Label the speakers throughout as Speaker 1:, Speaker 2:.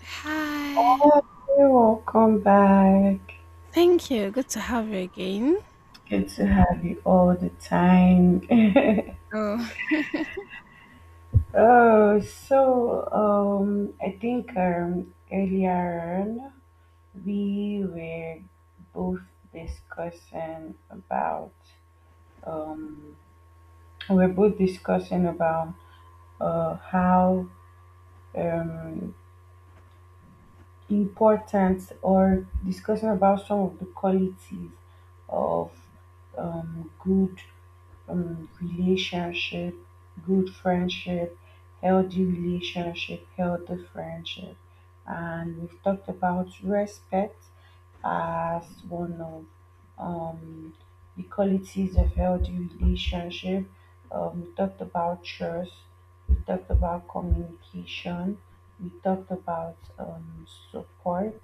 Speaker 1: Hi.
Speaker 2: Hi, welcome back.
Speaker 1: Thank you. Good to have you again.
Speaker 2: Good to have you all the time.
Speaker 1: Oh,
Speaker 2: I think earlier on we were both discussing about um, we were both discussing about how um, important or discussing about some of the qualities of good relationship, good friendship, healthy relationship, healthy friendship. And we've talked about respect as one of um, the qualities of healthy relationship. We talked about trust. We talked about communication. We talked about support.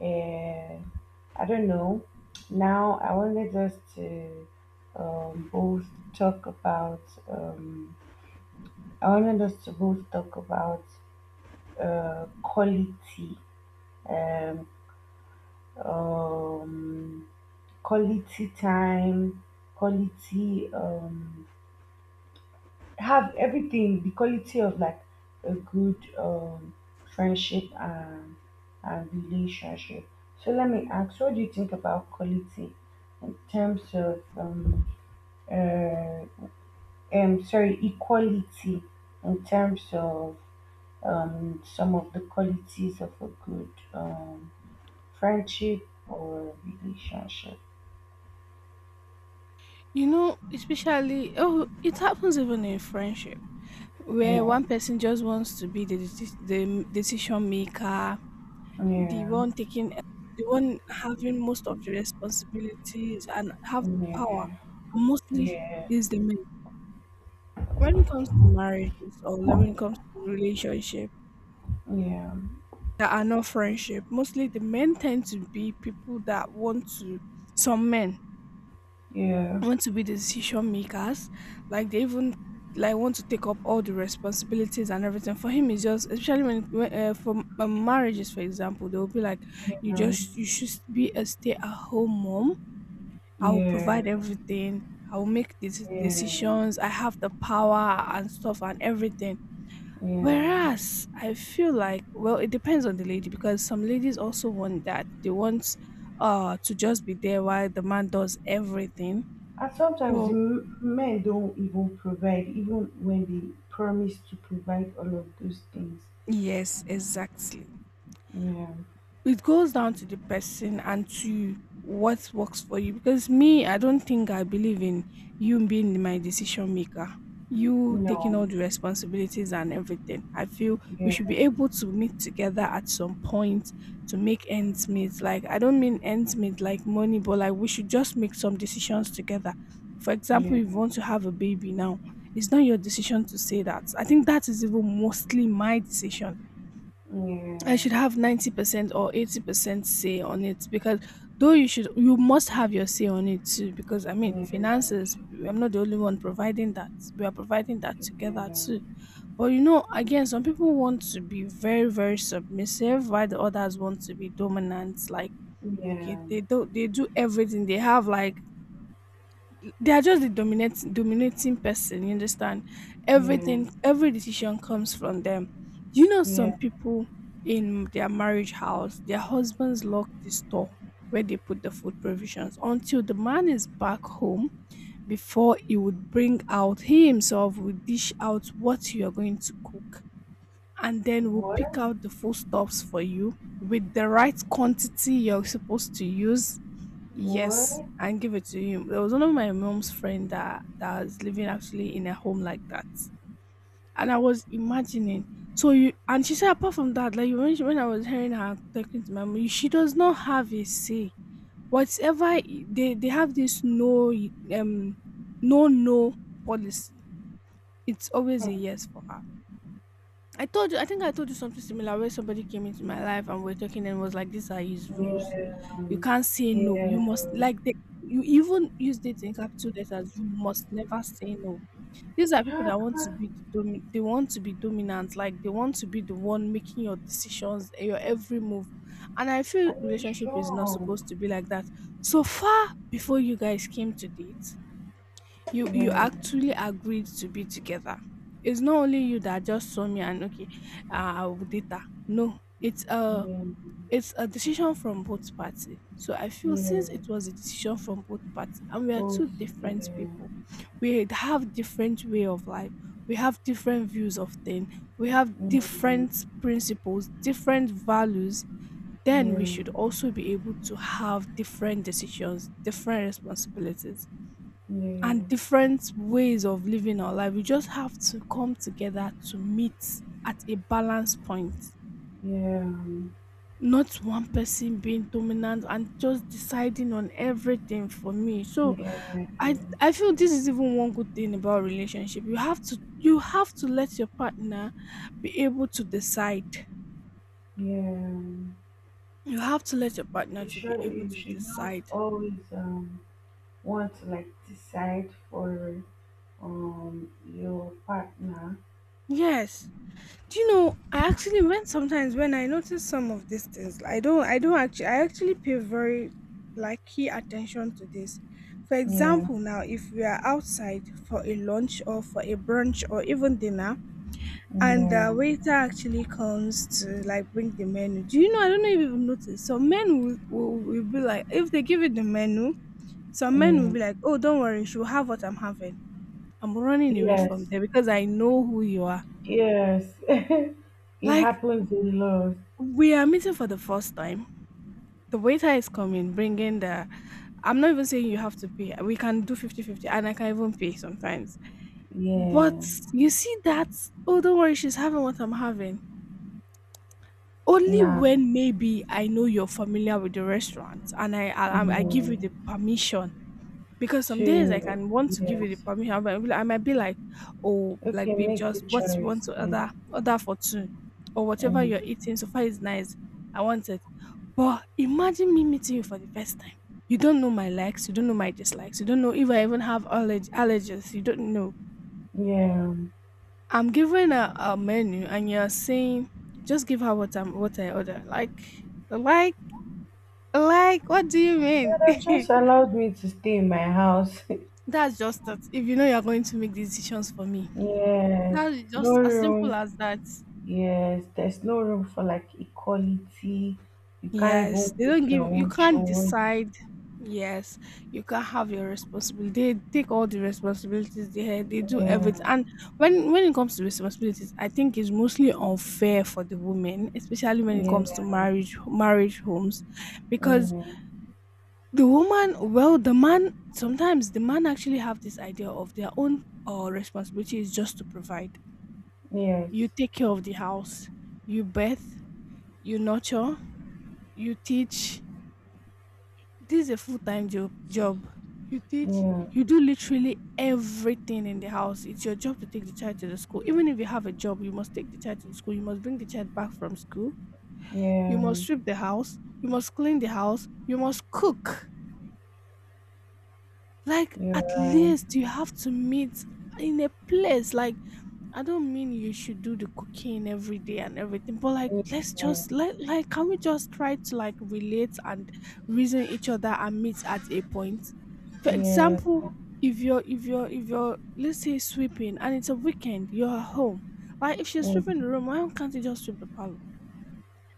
Speaker 2: And I don't know. Now, I wanted us to both talk about, um, I wanted us to both talk about uh, quality, um, um, quality time, quality. Have everything the quality of like a good friendship and relationship. So let me ask, what do you think about quality in terms of uh, sorry, equality in terms of some of the qualities of a good friendship or relationship?
Speaker 1: you know, especially oh, it happens even in friendship where
Speaker 2: yeah
Speaker 1: one person just wants to be the decision maker, the
Speaker 2: yeah
Speaker 1: one taking, the one having most of the responsibilities and have the power.
Speaker 2: yeah
Speaker 1: And mostly
Speaker 2: yeah
Speaker 1: is the man. When it comes to marriages or when it comes to relationship
Speaker 2: yeah
Speaker 1: that are not friendship, mostly the men tend to be people that want to, some men
Speaker 2: yeah
Speaker 1: want to be the decision makers, like they even like want to take up all the responsibilities and everything for him is just especially when, for marriages for example. They will be like
Speaker 2: Yeah,
Speaker 1: you just, you should be a stay-at-home mom, I will
Speaker 2: yeah,
Speaker 1: provide everything, I will make these
Speaker 2: yeah,
Speaker 1: decisions, I have the power and stuff and everything.
Speaker 2: yeah.
Speaker 1: Whereas I feel like, well, it depends on the lady because some ladies also want that. They want to just be there while the man does everything.
Speaker 2: And sometimes the
Speaker 1: So
Speaker 2: men don't even provide, even when they promise to provide all of those things.
Speaker 1: yes, exactly.
Speaker 2: Yeah,
Speaker 1: It goes down to the person and to what works for you. Because me, I don't think I believe in you being my decision maker, you taking
Speaker 2: no,
Speaker 1: all the responsibilities and everything. I feel we should
Speaker 2: yeah,
Speaker 1: be able to meet together at some point to make ends meet. Like, I don't mean ends meet like money, but like we should just make some decisions together. For example,
Speaker 2: yeah,
Speaker 1: if you want to have a baby now, it's not your decision to say that. I think that is even mostly my decision.
Speaker 2: yeah,
Speaker 1: I
Speaker 2: yeah,
Speaker 1: should have 90% or 80% say on it because, though you should, you must have your say on it too, because I mean finances, I'm not the only one providing that. We are providing that together too. But you know, again, some people want to be very very submissive while the others want to be dominant. Like okay,
Speaker 2: yeah,
Speaker 1: they do, they do everything. They have like, they are just the dominant dominating person, you understand?
Speaker 2: yeah, yeah,
Speaker 1: Everything, every decision comes from them. You know,
Speaker 2: yeah.
Speaker 1: some people in their marriage house, their husbands lock the store where they put the food provisions until the man is back home. Before he would bring out, he himself will dish out what you are going to cook, and then will
Speaker 2: What?
Speaker 1: pick out the food stuffs for you with the right quantity you're supposed to use.
Speaker 2: What?
Speaker 1: Yes, I give it to him. There was one of my mom's friend that was living actually in a home like that, and I was imagining. So you, and she said apart from that, like when I was hearing her talking to my mom, she does not have a say. Whatever they have this no, um no no policy. It's always a yes for her. I told you, I think I told you something similar where somebody came into my life and we're talking and was like, these are his rules. You
Speaker 2: Yeah,
Speaker 1: can't say no.
Speaker 2: yeah.
Speaker 1: You must, like, they, you even used it in capital letters. You must never say no. These are people
Speaker 2: Huh,
Speaker 1: that want to be the they want to be dominant. Like they want to be the one making your decisions, eh, your every move. And I
Speaker 2: I
Speaker 1: feel
Speaker 2: you
Speaker 1: relationship is not
Speaker 2: strong?
Speaker 1: supposed to be like that. So far before you guys came to date, you
Speaker 2: Yeah,
Speaker 1: actually agreed to be together. It's not only you that just saw me and okay, data. No,
Speaker 2: yeah,
Speaker 1: it's a decision from both party. So I feel
Speaker 2: yeah.
Speaker 1: since it was a decision from both party, and we are
Speaker 2: Both,
Speaker 1: two different
Speaker 2: yeah.
Speaker 1: people, we have different way of life, we have different views of things, we have different
Speaker 2: Yeah.
Speaker 1: principles, different values. Then we
Speaker 2: Yeah.
Speaker 1: should also be able to have different decisions, different responsibilities and
Speaker 2: yes,
Speaker 1: different ways of living our life. We just have to come together to meet at a balance point.
Speaker 2: yeah,
Speaker 1: Not one person being dominant and just deciding on everything for me. So
Speaker 2: yes,
Speaker 1: I feel this is even one good thing about relationship. You have to, you have to let your partner be able to decide.
Speaker 2: yeah.
Speaker 1: You have to let your partner
Speaker 2: You
Speaker 1: to be
Speaker 2: should
Speaker 1: able to
Speaker 2: not
Speaker 1: decide.
Speaker 2: always want to like decide for your partner.
Speaker 1: Yes. Do you know? I actually, when sometimes when I notice some of these things, I don't actually I actually pay very like key attention to this. For
Speaker 2: Yeah,
Speaker 1: example, now if we are outside for a lunch or for a brunch or even dinner, and
Speaker 2: yeah,
Speaker 1: the waiter actually comes to like bring the menu. Do you know? I don't know if you've noticed. Some men will be like, if they give you the menu, some men will
Speaker 2: yeah.
Speaker 1: be like, oh, don't worry, she'll have what I'm having. I'm running away from
Speaker 2: Yes,
Speaker 1: there because I know who you are.
Speaker 2: yes. It
Speaker 1: Like,
Speaker 2: happens a lot.
Speaker 1: we are meeting for the first time. The waiter is coming, bringing the. I'm not even saying you have to pay. We can do 50 50, and I can even pay sometimes. But
Speaker 2: Yeah,
Speaker 1: you see that, oh, don't worry, she's having what I'm having. Only
Speaker 2: nah,
Speaker 1: when maybe I know you're familiar with the restaurant and I give
Speaker 2: yeah.
Speaker 1: you the permission. Because some days I
Speaker 2: Two,
Speaker 1: can want to give you the
Speaker 2: yes.
Speaker 1: permission, but I might be like, oh, like
Speaker 2: Okay,
Speaker 1: babe,
Speaker 2: make the
Speaker 1: just what you
Speaker 2: choice.
Speaker 1: want to
Speaker 2: Yeah,
Speaker 1: order, order for two, or whatever you're
Speaker 2: mm.
Speaker 1: eating. So far is nice. I want it. But imagine me meeting you for the first time. You don't know my likes, you don't know my dislikes, you don't know if I even have allergies, you don't know.
Speaker 2: yeah.
Speaker 1: I'm giving a menu and you're saying just give her what I order. Like like what do you
Speaker 2: Yeah, they've
Speaker 1: mean?
Speaker 2: just allowed me to stay in my house.
Speaker 1: That's just that. If you know you're going to make decisions for me,
Speaker 2: Yes,
Speaker 1: that is
Speaker 2: no
Speaker 1: just as
Speaker 2: room.
Speaker 1: simple as that.
Speaker 2: Yes, there's no room for like equality. You can't even
Speaker 1: Yes, they don't
Speaker 2: make your
Speaker 1: give, you
Speaker 2: own
Speaker 1: can't
Speaker 2: choice.
Speaker 1: decide. Yes, you can't have your responsibility. They take all the responsibilities they had. They do
Speaker 2: Yeah,
Speaker 1: everything. And when it comes to responsibilities, I think it's mostly unfair for the women, especially when it comes to
Speaker 2: yeah,
Speaker 1: marriage homes, because
Speaker 2: mm,
Speaker 1: the woman, well, the man, sometimes the man actually have this idea of their own responsibility is just to provide.
Speaker 2: yes,
Speaker 1: You take care of the house, you birth, you nurture, you teach, this is a full-time job, you teach,
Speaker 2: yeah,
Speaker 1: you do literally everything in the house. It's your job to take the child to the school, even if you have a job you must take the child to the school, you must bring the child back from school, you
Speaker 2: yeah,
Speaker 1: must sweep the house, you must clean the house, you must cook. Like
Speaker 2: you're
Speaker 1: at
Speaker 2: right.
Speaker 1: least you have to meet in a place, like I don't mean you should do the cooking every day and everything, but like let's
Speaker 2: Yeah,
Speaker 1: just like can we just try to like relate and reason each other and meet at a point. For
Speaker 2: yeah,
Speaker 1: example, if you're let's say sweeping and it's a weekend you're at home, like if she's sweeping the
Speaker 2: mm,
Speaker 1: room, why can't you just sweep the parlor?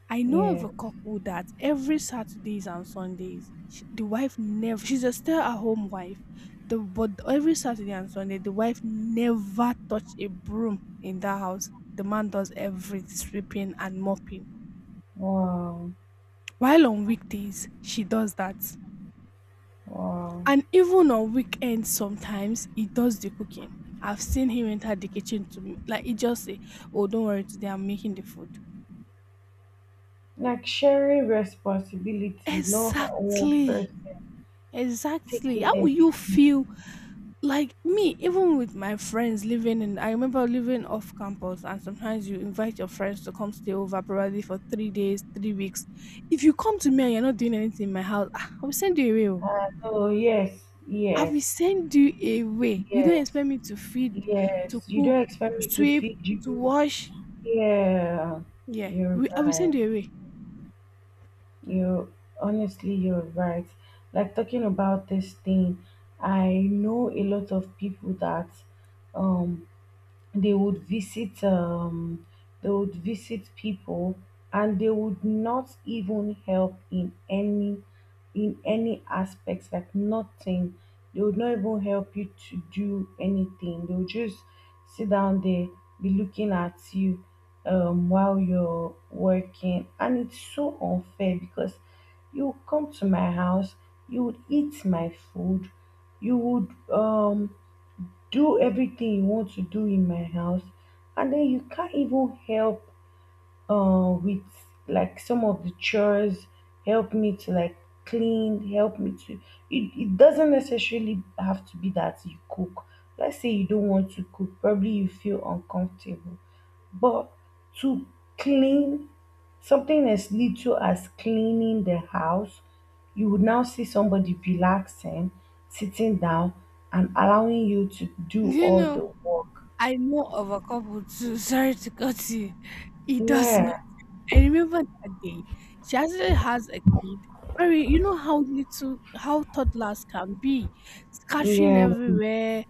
Speaker 1: I know of
Speaker 2: yeah.
Speaker 1: a couple that every Saturdays and Sundays, sh the wife never she's a stay-at-home wife. The but every Saturday and Sunday, the wife never touch a broom in that house. The man does every sweeping and mopping.
Speaker 2: Wow,
Speaker 1: While on weekdays, she does that.
Speaker 2: wow.
Speaker 1: And even on weekends, sometimes he does the cooking. I've seen him enter the kitchen to like he just say, "Oh, don't worry, today I'm making the food."
Speaker 2: Like sharing responsibilities, no one
Speaker 1: Exactly.
Speaker 2: person
Speaker 1: Exactly.
Speaker 2: taking
Speaker 1: How will you feel?
Speaker 2: everything.
Speaker 1: Like me, even with my friends, living in, I remember living off campus and sometimes you invite your friends to come stay over, probably for 3 days, 3 weeks. If you come to me and you're not doing anything in my house, ah, I will send you away, oh.
Speaker 2: Oh, yes,
Speaker 1: I
Speaker 2: yes.
Speaker 1: will send you away. You don't
Speaker 2: Yes,
Speaker 1: expect me to feed, to
Speaker 2: yes. You don't
Speaker 1: cook,
Speaker 2: expect
Speaker 1: to
Speaker 2: me to
Speaker 1: sweep,
Speaker 2: feed
Speaker 1: to
Speaker 2: you.
Speaker 1: wash.
Speaker 2: Yeah,
Speaker 1: Yeah
Speaker 2: you're
Speaker 1: we, I will
Speaker 2: right.
Speaker 1: send you away.
Speaker 2: You Honestly, you're right. Like talking about this thing, I know a lot of people that um they would visit um they would visit people and they would not even help in any aspects, like nothing. They would not even help you to do anything. They would just sit down there, be looking at you while you're working. And it's so unfair because you would come to my house, you would eat my food, you would um do everything you want to do in my house, and then you can't even help with like some of the chores. Help me to like clean, help me to it. It doesn't necessarily have to be that you cook. Let's say you don't want to cook, probably you feel uncomfortable, but to clean, something as little as cleaning the house, you would now see somebody relaxing, sitting down, and allowing you to do
Speaker 1: You
Speaker 2: all
Speaker 1: know,
Speaker 2: the work.
Speaker 1: I know of a couple too, sorry to cut you, it does.
Speaker 2: Yeah,
Speaker 1: I remember that day. She actually has a kid. Very, you know how little, how toddlers can be, scattering
Speaker 2: yeah,
Speaker 1: everywhere,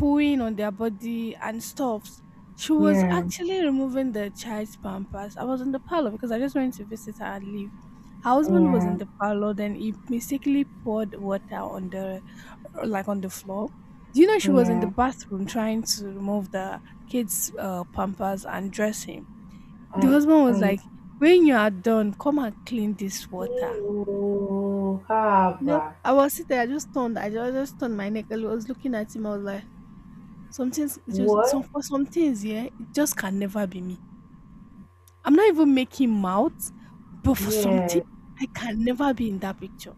Speaker 1: pooing on their body and stuffs. She was
Speaker 2: yeah,
Speaker 1: actually removing the child's pampers. I was in the parlor because I just went to visit her and leave. Her husband was in
Speaker 2: yeah,
Speaker 1: the parlor, then he mistakenly poured water on the, like on the floor. Do you know she was in the
Speaker 2: yeah.
Speaker 1: bathroom trying to remove the kid's pampers and dress him? The
Speaker 2: And
Speaker 1: husband was
Speaker 2: and
Speaker 1: like, "When you are done, come and clean this water."
Speaker 2: you have
Speaker 1: No,
Speaker 2: a
Speaker 1: I was sitting there, I just turned, just turned my neck. I was looking at him. I was like, "Some things, it just some
Speaker 2: what?
Speaker 1: for some things, yeah, it just can never be me. I'm not even making mouth, but for something,
Speaker 2: Yeah,
Speaker 1: I can never be in that picture."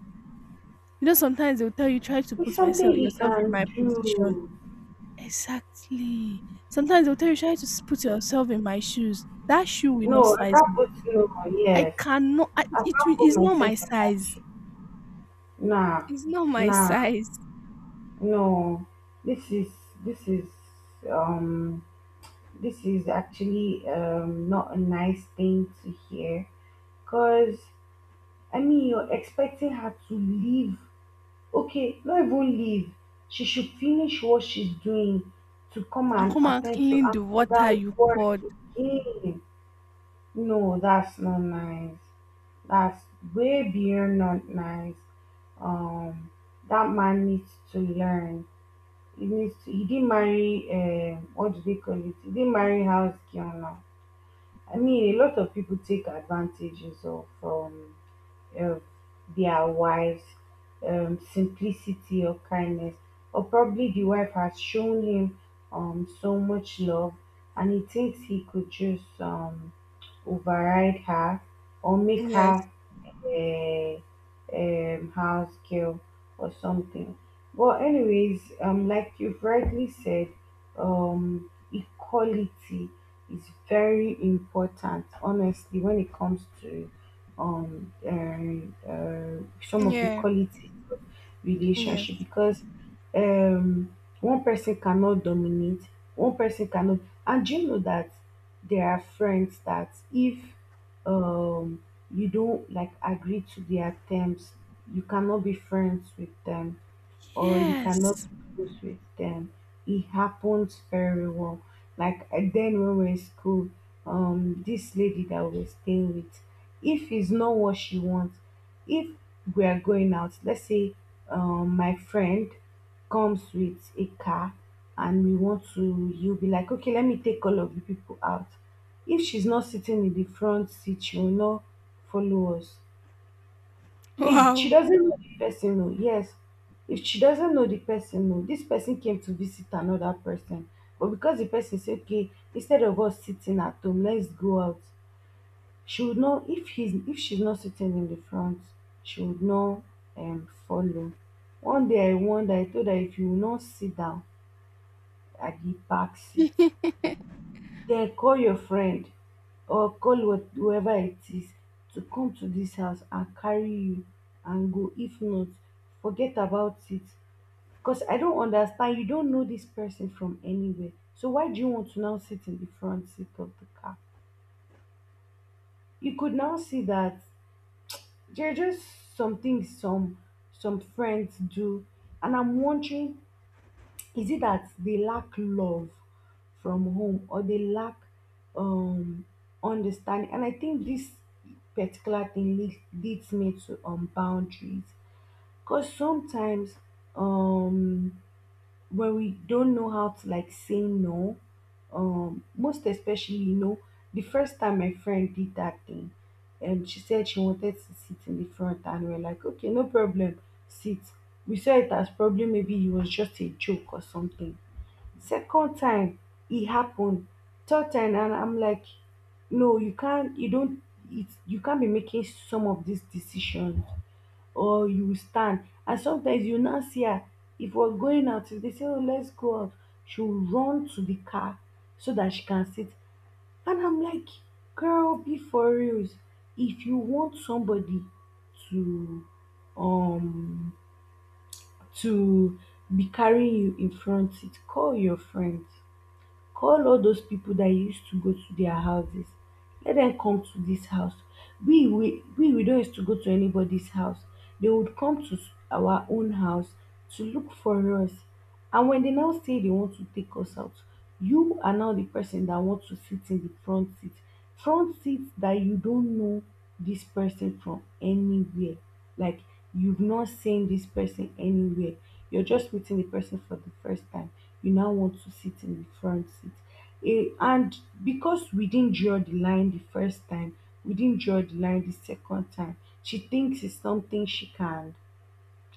Speaker 1: You know, sometimes they'll tell you try to
Speaker 2: it's
Speaker 1: put
Speaker 2: something
Speaker 1: myself
Speaker 2: he
Speaker 1: yourself in
Speaker 2: can
Speaker 1: my position.
Speaker 2: do.
Speaker 1: Exactly. Sometimes they'll tell you try to put yourself in my shoes. That shoe will not
Speaker 2: No, I
Speaker 1: size
Speaker 2: can't
Speaker 1: me.
Speaker 2: put no.
Speaker 1: I
Speaker 2: Yes,
Speaker 1: cannot.
Speaker 2: I
Speaker 1: It
Speaker 2: can't put
Speaker 1: is not
Speaker 2: myself
Speaker 1: my
Speaker 2: in that.
Speaker 1: size.
Speaker 2: Nah,
Speaker 1: It's not my
Speaker 2: nah,
Speaker 1: size.
Speaker 2: No. This is this is um this is actually not a nice thing to hear. Cause I mean you're expecting her to leave. Okay, not even leave. She should finish what she's doing, to come
Speaker 1: And
Speaker 2: and
Speaker 1: come and
Speaker 2: attend to
Speaker 1: clean the water
Speaker 2: another
Speaker 1: you
Speaker 2: work
Speaker 1: poured.
Speaker 2: again. No, that's not nice. That's way beyond not nice. Um, that man needs to learn. He needs he didn't marry what do they call it, he didn't marry house girl. I mean, a lot of people take advantages of from uh, their wives simplicity or kindness, or probably the wife has shown him so much love, and he thinks he could just override her or make
Speaker 1: Yes.
Speaker 2: her a, house girl or something. But anyways, like you've rightly said, equality is very important. Honestly, when it comes to some of the
Speaker 1: Yeah.
Speaker 2: qualities of relationship,
Speaker 1: Yes.
Speaker 2: because um, one person cannot dominate, one person cannot, and do you know that there are friends that if um you don't like agree to their terms, you cannot be friends with them or you cannot
Speaker 1: Yes.
Speaker 2: be close with them. It happens very well. Like then when we're in school, this lady that we're staying with, if it's not what she wants, if we are going out, let's say my friend comes with a car and we want to, you'll be like, okay, let me take all of you people out. If she's not sitting in the front seat, she will not follow us. If she
Speaker 1: Wow.
Speaker 2: doesn't know the person, no, yes. If she doesn't know the person, no, this person came to visit another person. But because the person said, okay, instead of us sitting at home, let's go out. She would know if he's if she's not sitting in the front, she would not follow. One day I wonder, I told her if you will not sit down at the back seat, then call your friend or call whoever it is to come to this house and carry you and go. If not, forget about it. Because I don't understand. You don't know this person from anywhere. So why do you want to now sit in the front seat of the car? You could now see that there are just some things some friends do. And I'm wondering, is it that they lack love from home, or they lack um understanding? And I think this particular thing leads me to boundaries, because sometimes um when we don't know how to like say no, most especially, you know, the first time my friend did that thing and she said she wanted to sit in the front and we are like okay no problem sit, we saw it as probably maybe it was just a joke or something. Second time it happened, third time, and I'm like, no, you can't, you don't, it, you can't be making some of these decisions or you will stand. And sometimes you now see her, if we're going out, if they say, oh, let's go out, she'll run to the car so that she can sit. And I'm like, girl, be for reals. If you want somebody to, um, to be carrying you in front, it, call your friends, call all those people that you used to go to their houses, let them come to this house. We don't used to go to anybody's house. They would come to our own house to look for us. And when they now say they want to take us out, you are now the person that wants to sit in the front seat. Front seat that you don't know this person from anywhere. Like you've not seen this person anywhere, you're just meeting the person for the first time, you now want to sit in the front seat. Eh, and because we didn't draw the line the first time, we didn't draw the line the second time, she thinks it's something she can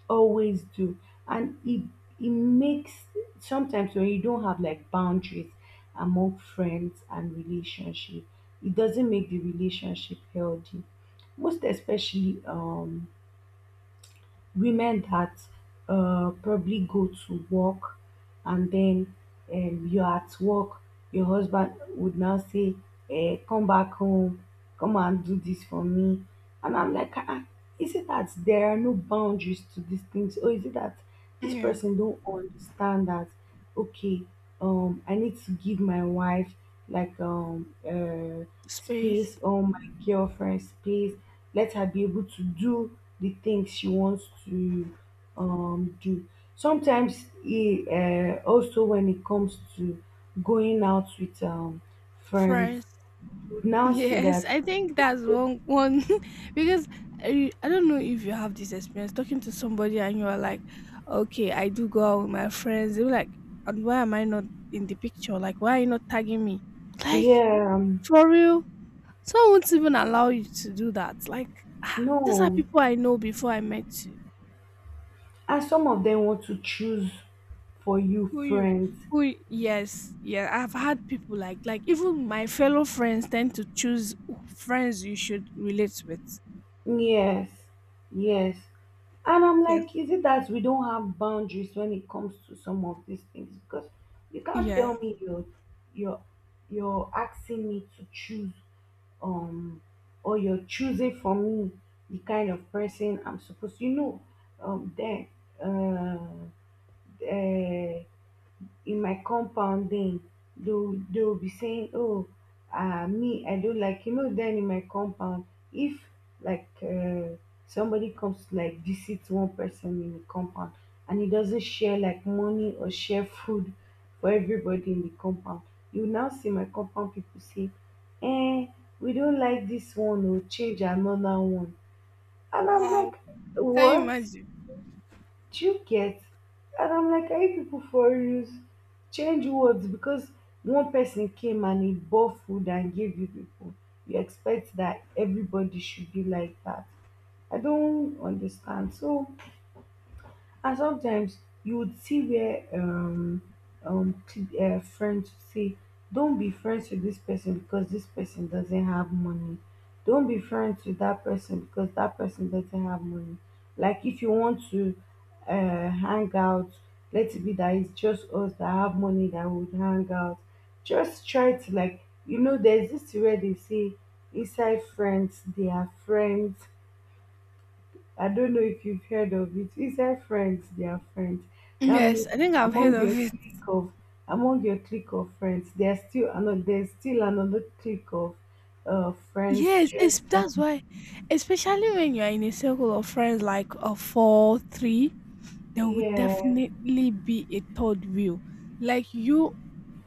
Speaker 2: always do. And it makes, sometimes when you don't have like boundaries among friends and relationship, it doesn't make the relationship healthy. Most especially women that probably go to work and then you're at work, your husband would now say, eh, come back home, come and do this for me. And I'm like, ah, ah, is it that there are no boundaries to these things? Or is it that this
Speaker 1: Yeah.
Speaker 2: person don't understand that? Okay, I need to give my wife like space,
Speaker 1: Space.
Speaker 2: or my girlfriend space, let her be able to do the things she wants to do. Sometimes it, also when it comes to going out with friends,
Speaker 1: Friends.
Speaker 2: you now see
Speaker 1: Yes,
Speaker 2: that.
Speaker 1: I think that's one because I don't know if you have this experience talking to somebody and you are like, okay, I do go out with my friends. They're like, and why am I not in the picture? Like, why are you not tagging me? Like,
Speaker 2: Yeah,
Speaker 1: for real? Some won't even allow you to do that. Like, ah, these are
Speaker 2: no,
Speaker 1: people I know before I met you.
Speaker 2: and some of them want to choose for you
Speaker 1: Who you?
Speaker 2: friends.
Speaker 1: Who? Yes, yeah. I've had people like even my fellow friends tend to choose friends you should relate with.
Speaker 2: Yes, yes. And I'm
Speaker 1: Yes.
Speaker 2: like, is it that we don't have boundaries when it comes to some of these things? Because you can't
Speaker 1: Yeah.
Speaker 2: tell me you're you're asking me to choose um or you're choosing for me the kind of person I'm supposed, you know. Then uh, uh in my compound, then, they'll be saying, oh, me, I don't like, you know. Then in my compound, if like somebody comes to like visit one person in the compound and he doesn't share like money or share food for everybody in the compound, you now see my compound people say, eh, we don't like this one, or change another one. And I'm
Speaker 1: Wow.
Speaker 2: like,
Speaker 1: Can you
Speaker 2: what
Speaker 1: imagine?
Speaker 2: do you get? And I'm like, are you people for use change words because one person came and he bought food and gave you people, you expect that everybody should be like that. I don't understand. So, and sometimes you would see where friends say, don't be friends with this person because this person doesn't have money. Don't be friends with that person because that person doesn't have money. Like, if you want to hang out, let it be that it's just us that have money that would hang out. Just try to, like, there's this where they say, inside friends they are friends. I don't know if you've heard of it. Inside friends, they are friends. That
Speaker 1: Yes,
Speaker 2: means
Speaker 1: I think I've heard
Speaker 2: among
Speaker 1: of
Speaker 2: your
Speaker 1: it.
Speaker 2: clique of among your clique of friends, there's still another clique of friends.
Speaker 1: Yes,
Speaker 2: Just
Speaker 1: it's, that's why, especially when you're in a circle of friends like a four, three, there would
Speaker 2: yeah,
Speaker 1: definitely be a third wheel. Like you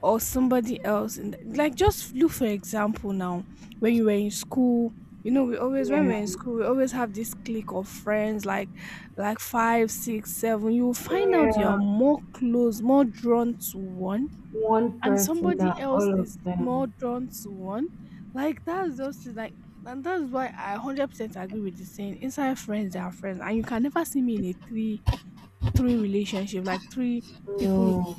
Speaker 1: or somebody else in like just look for example now when you were in school, you know, we always, when we're
Speaker 2: yeah,
Speaker 1: in school, we always have this clique of friends like five six seven. You will find out
Speaker 2: yeah.
Speaker 1: you're more close, more drawn to one,
Speaker 2: One
Speaker 1: and
Speaker 2: person,
Speaker 1: somebody
Speaker 2: not
Speaker 1: else
Speaker 2: all
Speaker 1: is
Speaker 2: of
Speaker 1: more
Speaker 2: them.
Speaker 1: drawn to one. Like, that's just it. Like, and that's why I 100% agree with the saying "inside friends they are friends," and you can never see me in a three relationship, like three people.
Speaker 2: No.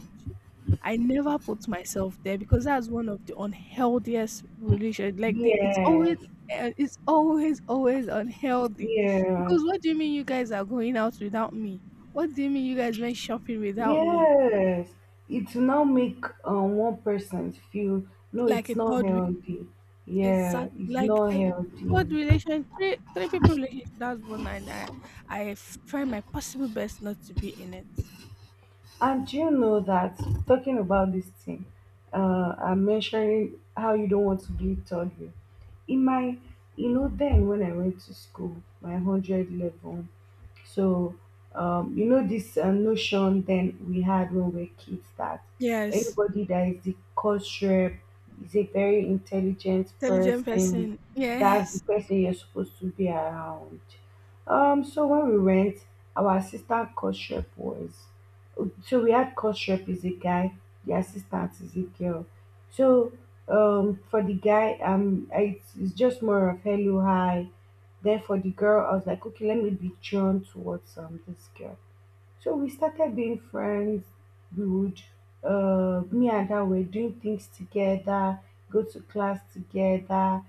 Speaker 1: I never put myself there because that's one of the unhealthiest relation. Like it's always,
Speaker 2: Yes,
Speaker 1: it's always, always unhealthy.
Speaker 2: yes,
Speaker 1: Because what do you mean you guys are going out without me? What do you mean you guys went shopping without me?
Speaker 2: yes. It will now make one person feel, no,
Speaker 1: Like
Speaker 2: it's
Speaker 1: a
Speaker 2: not
Speaker 1: third,
Speaker 2: healthy. Yeah,
Speaker 1: exact,
Speaker 2: it's
Speaker 1: like
Speaker 2: not
Speaker 1: I
Speaker 2: healthy.
Speaker 1: third relation, three three people relationship. That's one, and I try my possible best not to be in it.
Speaker 2: And do you know that, talking about this thing, I'm mentioning how you don't want to be third year. In my, then when I went to school, my 100 level, so, this notion then we had when we were kids that
Speaker 1: Yes,
Speaker 2: anybody that is the coach rep is a very intelligent
Speaker 1: intelligent
Speaker 2: person.
Speaker 1: person.
Speaker 2: That's the
Speaker 1: Yes.
Speaker 2: person you're supposed to be around. So when we went, our assistant coach rep was so we had, coach rep is a guy, the assistant is a girl. So, for the guy, it's just more of hello, hi. Therefore, the girl, I was like, okay, let me be drawn towards this girl. So we started being friends. We would, me and her were doing things together, go to class together,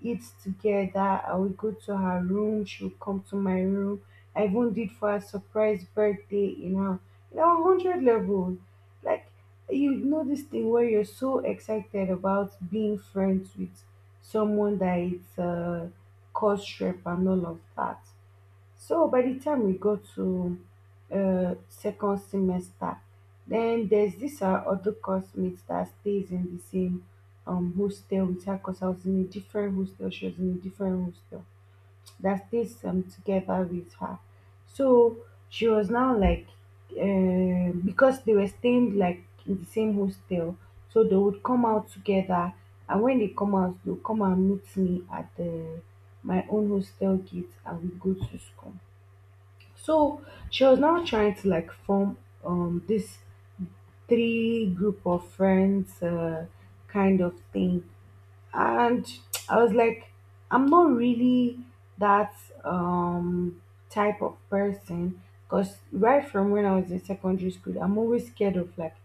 Speaker 2: eat together. I would go to her room, she would come to my room. I even did for her surprise birthday in in our 100 level. Like, this thing where you're so excited about being friends with someone that is cross trip and all of that. So, by the time we go to second semester, then there's this our other classmate that stays in the same hostel with her, because I was in a different hostel, she was in a different hostel that stays together with her. So she was now like, because they were staying, like, in the same hostel, so they would come out together. And when they come out, they'll come and meet me at the my own hostel gate and we go to school. So she was now trying to, like, form this three group of friends, kind of thing, and I was like, I'm not really that um type of person, because right from when I was in secondary school, I'm always scared of, like,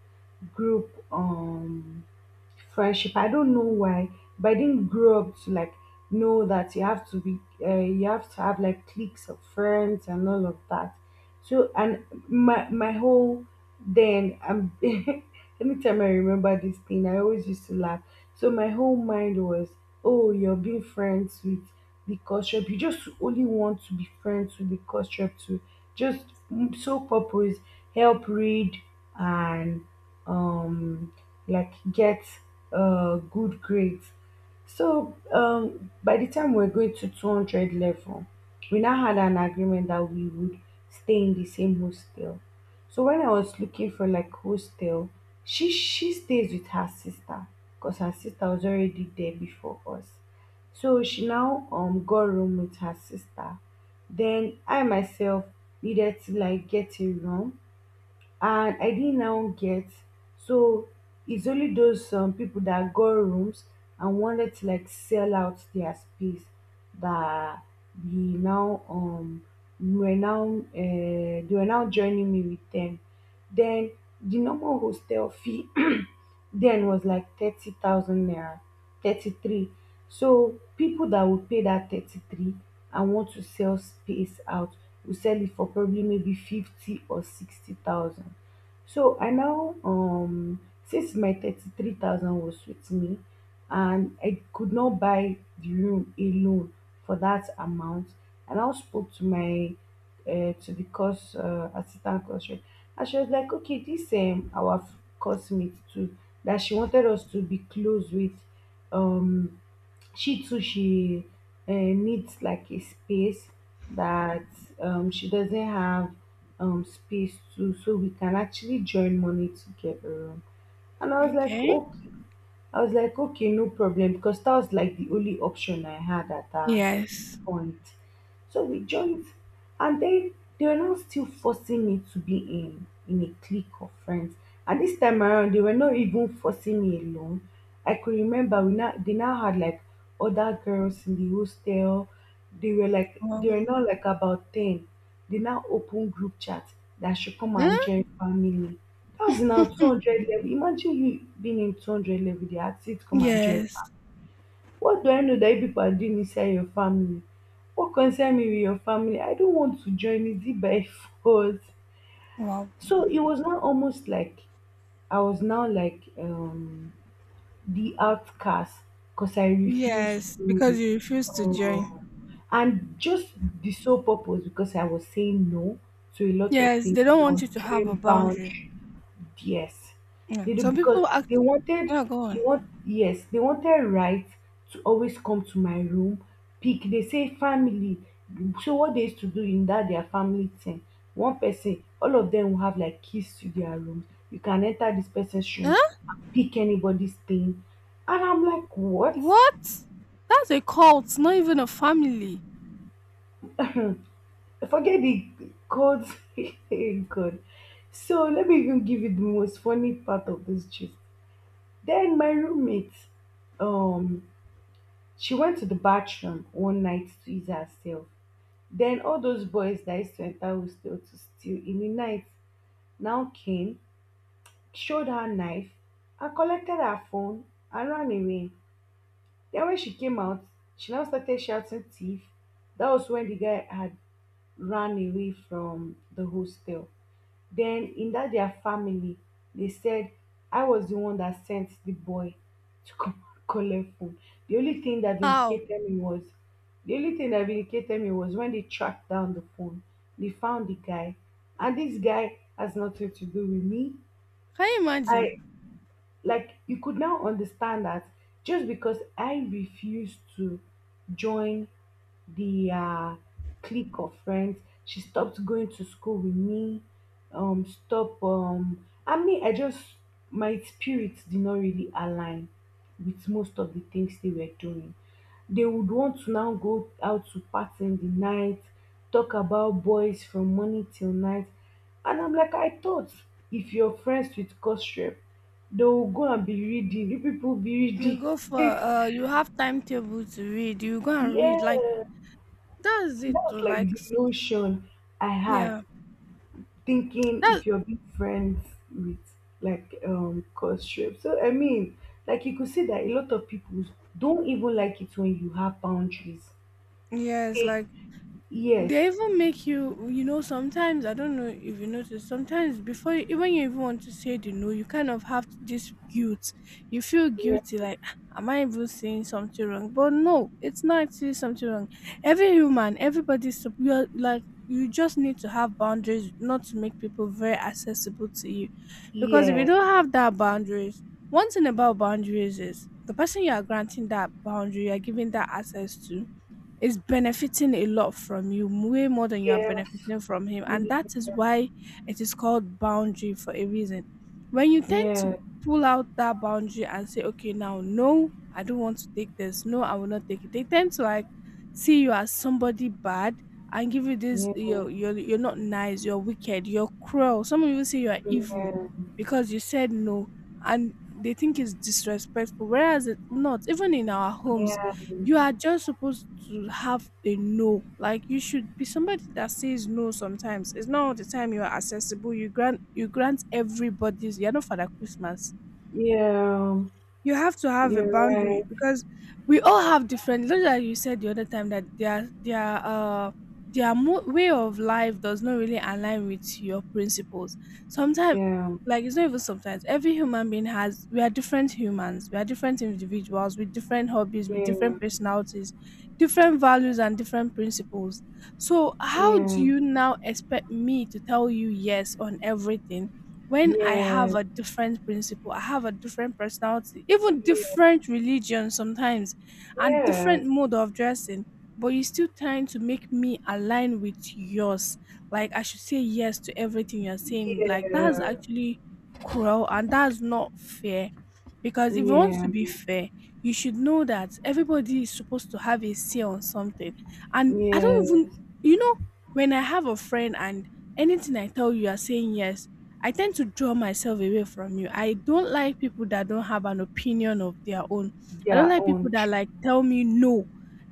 Speaker 2: group friendship. I don't know why, but I didn't grow up to, like, know that you have to have like cliques of friends and all of that. So, and my whole, then I'm anytime I remember this thing, I always used to laugh. So my whole mind was, oh, you're being friends with the culture. You just only want to be friends with the culture to just so purpose, help read, and um like get good grades. So, by the time we are going to 200 level, we now had an agreement that we would stay in the same hostel. So when I was looking for like hostel, she stays with her sister because her sister was already there before us. So she now got room with her sister. Then I myself needed to, like, get a room, and I didn't now get. So it's only those people that got rooms and wanted to, like, sell out their space, that we now were now they were now joining me with them. Then the normal hostel fee then was like 30,000 naira, 33. So people that would pay that 33 and want to sell space out, will sell it for probably maybe fifty or sixty thousand. So I now, since my 33,000 was with me, and I could not buy the room alone for that amount, I now spoke to my to the course, assistant course rep. And she was like, okay, this our course mate too, that she wanted us to be close with. Um, she too, she needs like a space, that she doesn't have space to, so we can actually join money together. And I was like,
Speaker 1: Okay.
Speaker 2: okay. I was like, okay, no problem, because that was like the only option I had at that
Speaker 1: Yes.
Speaker 2: point. So we joined, and then they were now still forcing me to be in a clique of friends. And this time around, they were not even forcing me alone. I could remember, we now they now had like other girls in the hostel. They were like, they
Speaker 1: Well,
Speaker 2: were not like, about ten. They now open group chat that I should come and
Speaker 1: huh?
Speaker 2: join family. That was in our 200 level. Imagine you being in 200 level. They had said, come and join,
Speaker 1: Yes.
Speaker 2: what do I know that you people are doing inside your family? What concern me with your family? I don't want to join. It is it by force?
Speaker 1: Wow.
Speaker 2: So it was now almost like I was now like the outcast, because I refused
Speaker 1: Yes, because
Speaker 2: to.
Speaker 1: you refuse to join.
Speaker 2: um and just the sole purpose, because I was saying no to a lot of
Speaker 1: Yes,
Speaker 2: things
Speaker 1: they don't
Speaker 2: and I was
Speaker 1: want you to have a
Speaker 2: drawing
Speaker 1: boundary.
Speaker 2: boundaries. Yes,
Speaker 1: Yeah.
Speaker 2: they do,
Speaker 1: Some
Speaker 2: because
Speaker 1: people act.
Speaker 2: they wanted
Speaker 1: Yeah, go
Speaker 2: they
Speaker 1: on.
Speaker 2: want yes they wanted, right, to always come to my room. Pick, they say, family. So what they used to do in that their family thing, one person, all of them will have like keys to their rooms. You can enter this person's room
Speaker 1: Huh?
Speaker 2: and pick anybody's thing. And I'm like, what?
Speaker 1: What? That's a cult, not even a family.
Speaker 2: Forget the codes. Hey, God. So let me even give you the most funny part of this trip. Then my roommate, um she went to the bathroom one night to ease herself. Then all those boys that used to enter hostel to steal in the night now came, showed her knife, and collected her phone and ran away. Then when she came out, she now started shouting, thief. That was when the guy had run away from the hostel. Then in that their family, they said I was the one that sent the boy to come collect phone. the only thing that
Speaker 1: How?
Speaker 2: vindicated me was the only thing that vindicated me was when they tracked down the phone, they found the guy, and this guy has nothing to do with me.
Speaker 1: Can you imagine?
Speaker 2: I, like, you could now understand that just because I refused to join the clique of friends, she stopped going to school with me. Stop. I mean, I just, my spirits did not really align with most of the things they were doing. They would want to now go out to party in the night, talk about boys from morning till night, and I'm like, I thought if you're friends with gossip, they will go and be reading. You people be
Speaker 1: You go for,
Speaker 2: reading.
Speaker 1: you have timetable to read. You go and read like
Speaker 2: Yeah.
Speaker 1: that's it.
Speaker 2: That's
Speaker 1: Or
Speaker 2: like
Speaker 1: like,
Speaker 2: the notion I had,
Speaker 1: yeah,
Speaker 2: thinking
Speaker 1: that
Speaker 2: if you're being friends with like cause strip. So I mean, like, you could see that a lot of people don't even like it when you have boundaries.
Speaker 1: yes,
Speaker 2: They,
Speaker 1: like
Speaker 2: yes,
Speaker 1: they even make you, you know, sometimes I don't know if you notice, sometimes before even you even want to say the no, you kind of have this guilt. You feel
Speaker 2: yeah,
Speaker 1: guilty like, "Ah, am I even saying something wrong?" But no, it's not actually something wrong. Every human, everybody's you're like, you just need to have boundaries, not to make people very accessible to you, because if you
Speaker 2: yes,
Speaker 1: don't have that boundaries, one thing about boundaries is the person you are granting that boundary, you are giving that access to, is benefiting a lot from you, way more than you are
Speaker 2: yes,
Speaker 1: benefiting from him, and that is why it is called boundary for a reason. When you tend to
Speaker 2: yeah,
Speaker 1: pull out that boundary and say, okay, now, no, I don't want to take this, no, I will not take it, they tend to like see you as somebody bad and give you this,
Speaker 2: yeah,
Speaker 1: you're not nice, you're wicked, you're cruel, some of you say you are evil,
Speaker 2: yeah,
Speaker 1: because you said no, and they think it's disrespectful. Whereas it's not, even in our homes,
Speaker 2: yeah,
Speaker 1: you are just supposed to have a no. Like, you should be somebody that says no sometimes. It's not all the time you are accessible. You grant, you grant everybody's, you're not Father Christmas.
Speaker 2: yeah.
Speaker 1: You have to have a
Speaker 2: You're right.
Speaker 1: boundary because we all have different, just like you said the other time, that their way of life does not really align with your principles sometimes.
Speaker 2: Yeah,
Speaker 1: Like, it's not even sometimes, every human being has, we are different humans, we are different individuals with different hobbies, with
Speaker 2: yeah,
Speaker 1: different personalities, different values and different principles. So how do
Speaker 2: yeah,
Speaker 1: you now expect me to tell you yes on everything when I have
Speaker 2: yeah,
Speaker 1: a different principle, I have a different personality, even different religion sometimes, and
Speaker 2: yeah,
Speaker 1: different mode of dressing, but you're still trying to make me align with yours. Like, I should say yes to everything you're saying. Like, that's
Speaker 2: yeah,
Speaker 1: actually cruel, and that's not fair. Because if
Speaker 2: yeah,
Speaker 1: you want
Speaker 2: yeah.
Speaker 1: to be fair, you should know that everybody is supposed to have a say on something. And I don't
Speaker 2: Yeah,
Speaker 1: even, you know, when I have a friend, and anything I tell you, you are saying yes, I tend to draw myself away from you. I don't like people that don't have an opinion of their own. I don't
Speaker 2: their
Speaker 1: like people
Speaker 2: own
Speaker 1: that
Speaker 2: children.
Speaker 1: like tell me no.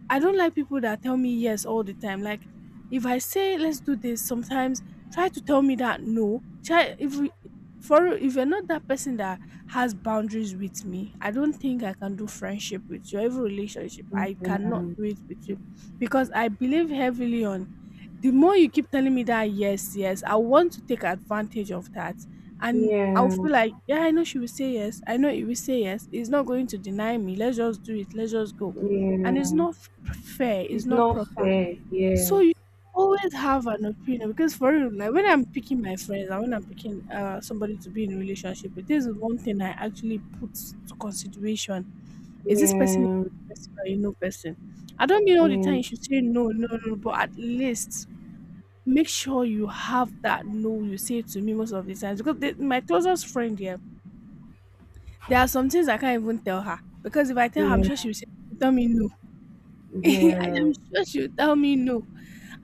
Speaker 1: I don't like people that tell me yes all the time. Like, if I say let's do this, sometimes try to tell me that no. Try, if we, for real, if you're not that person that has boundaries with me, I don't think I can do friendship with you. Every relationship, I cannot do it with you, because I believe heavily on, the more you keep telling me that yes, yes, I want to take advantage of that. And I'll
Speaker 2: Yeah,
Speaker 1: feel like, yeah, I know she will say yes, I know he will say yes, he's not going to deny me, let's just do it, let's just go.
Speaker 2: yeah.
Speaker 1: And it's not fair. It's
Speaker 2: It's
Speaker 1: not
Speaker 2: not
Speaker 1: proper.
Speaker 2: fair.
Speaker 1: So
Speaker 2: Yes.
Speaker 1: you always have an opinion, because for real, like, when I'm picking my friends, and when I'm picking, uh, somebody to be in a relationship with, this is one thing I actually put to consideration. Is this person a
Speaker 2: Yeah,
Speaker 1: yes, no person? I don't mean all the time you should say no, no, no, but at least make sure you have that no you say to me most of the times. Because my closest friend here, there are some things I can't even tell her, because if I
Speaker 2: yeah,
Speaker 1: tell her, I'm sure
Speaker 2: yeah,
Speaker 1: she'll say tell me no. I
Speaker 2: yeah,
Speaker 1: am sure she'll tell me no.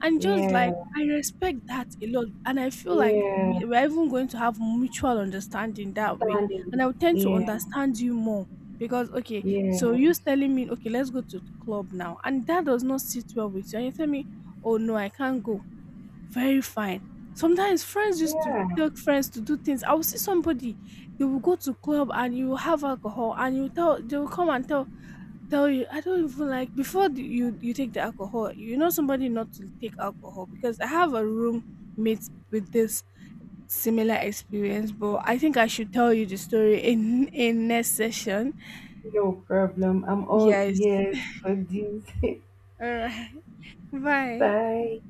Speaker 1: And just
Speaker 2: yeah,
Speaker 1: like, I respect that a lot, and I feel like
Speaker 2: yeah.
Speaker 1: we're even going to have mutual understanding that way, and I
Speaker 2: Standing.
Speaker 1: will tend to
Speaker 2: Yeah,
Speaker 1: understand you more. Because okay, so
Speaker 2: yeah,
Speaker 1: you telling me, okay, let's go to the club now, and that does not sit well with you, and you tell me, oh no, I can't go. Very fine. Sometimes friends used to
Speaker 2: yeah.
Speaker 1: tell friends to do things. I will see somebody, they will go to club and you will have alcohol, and you tell, they will come and tell you I don't even like, before you take the alcohol. You know somebody not to take alcohol, because I have a roommate with this similar experience, but I think I should tell you the story in next session.
Speaker 2: No problem. I'm all
Speaker 1: Yes.
Speaker 2: ears for this.
Speaker 1: All right. Bye.
Speaker 2: Bye.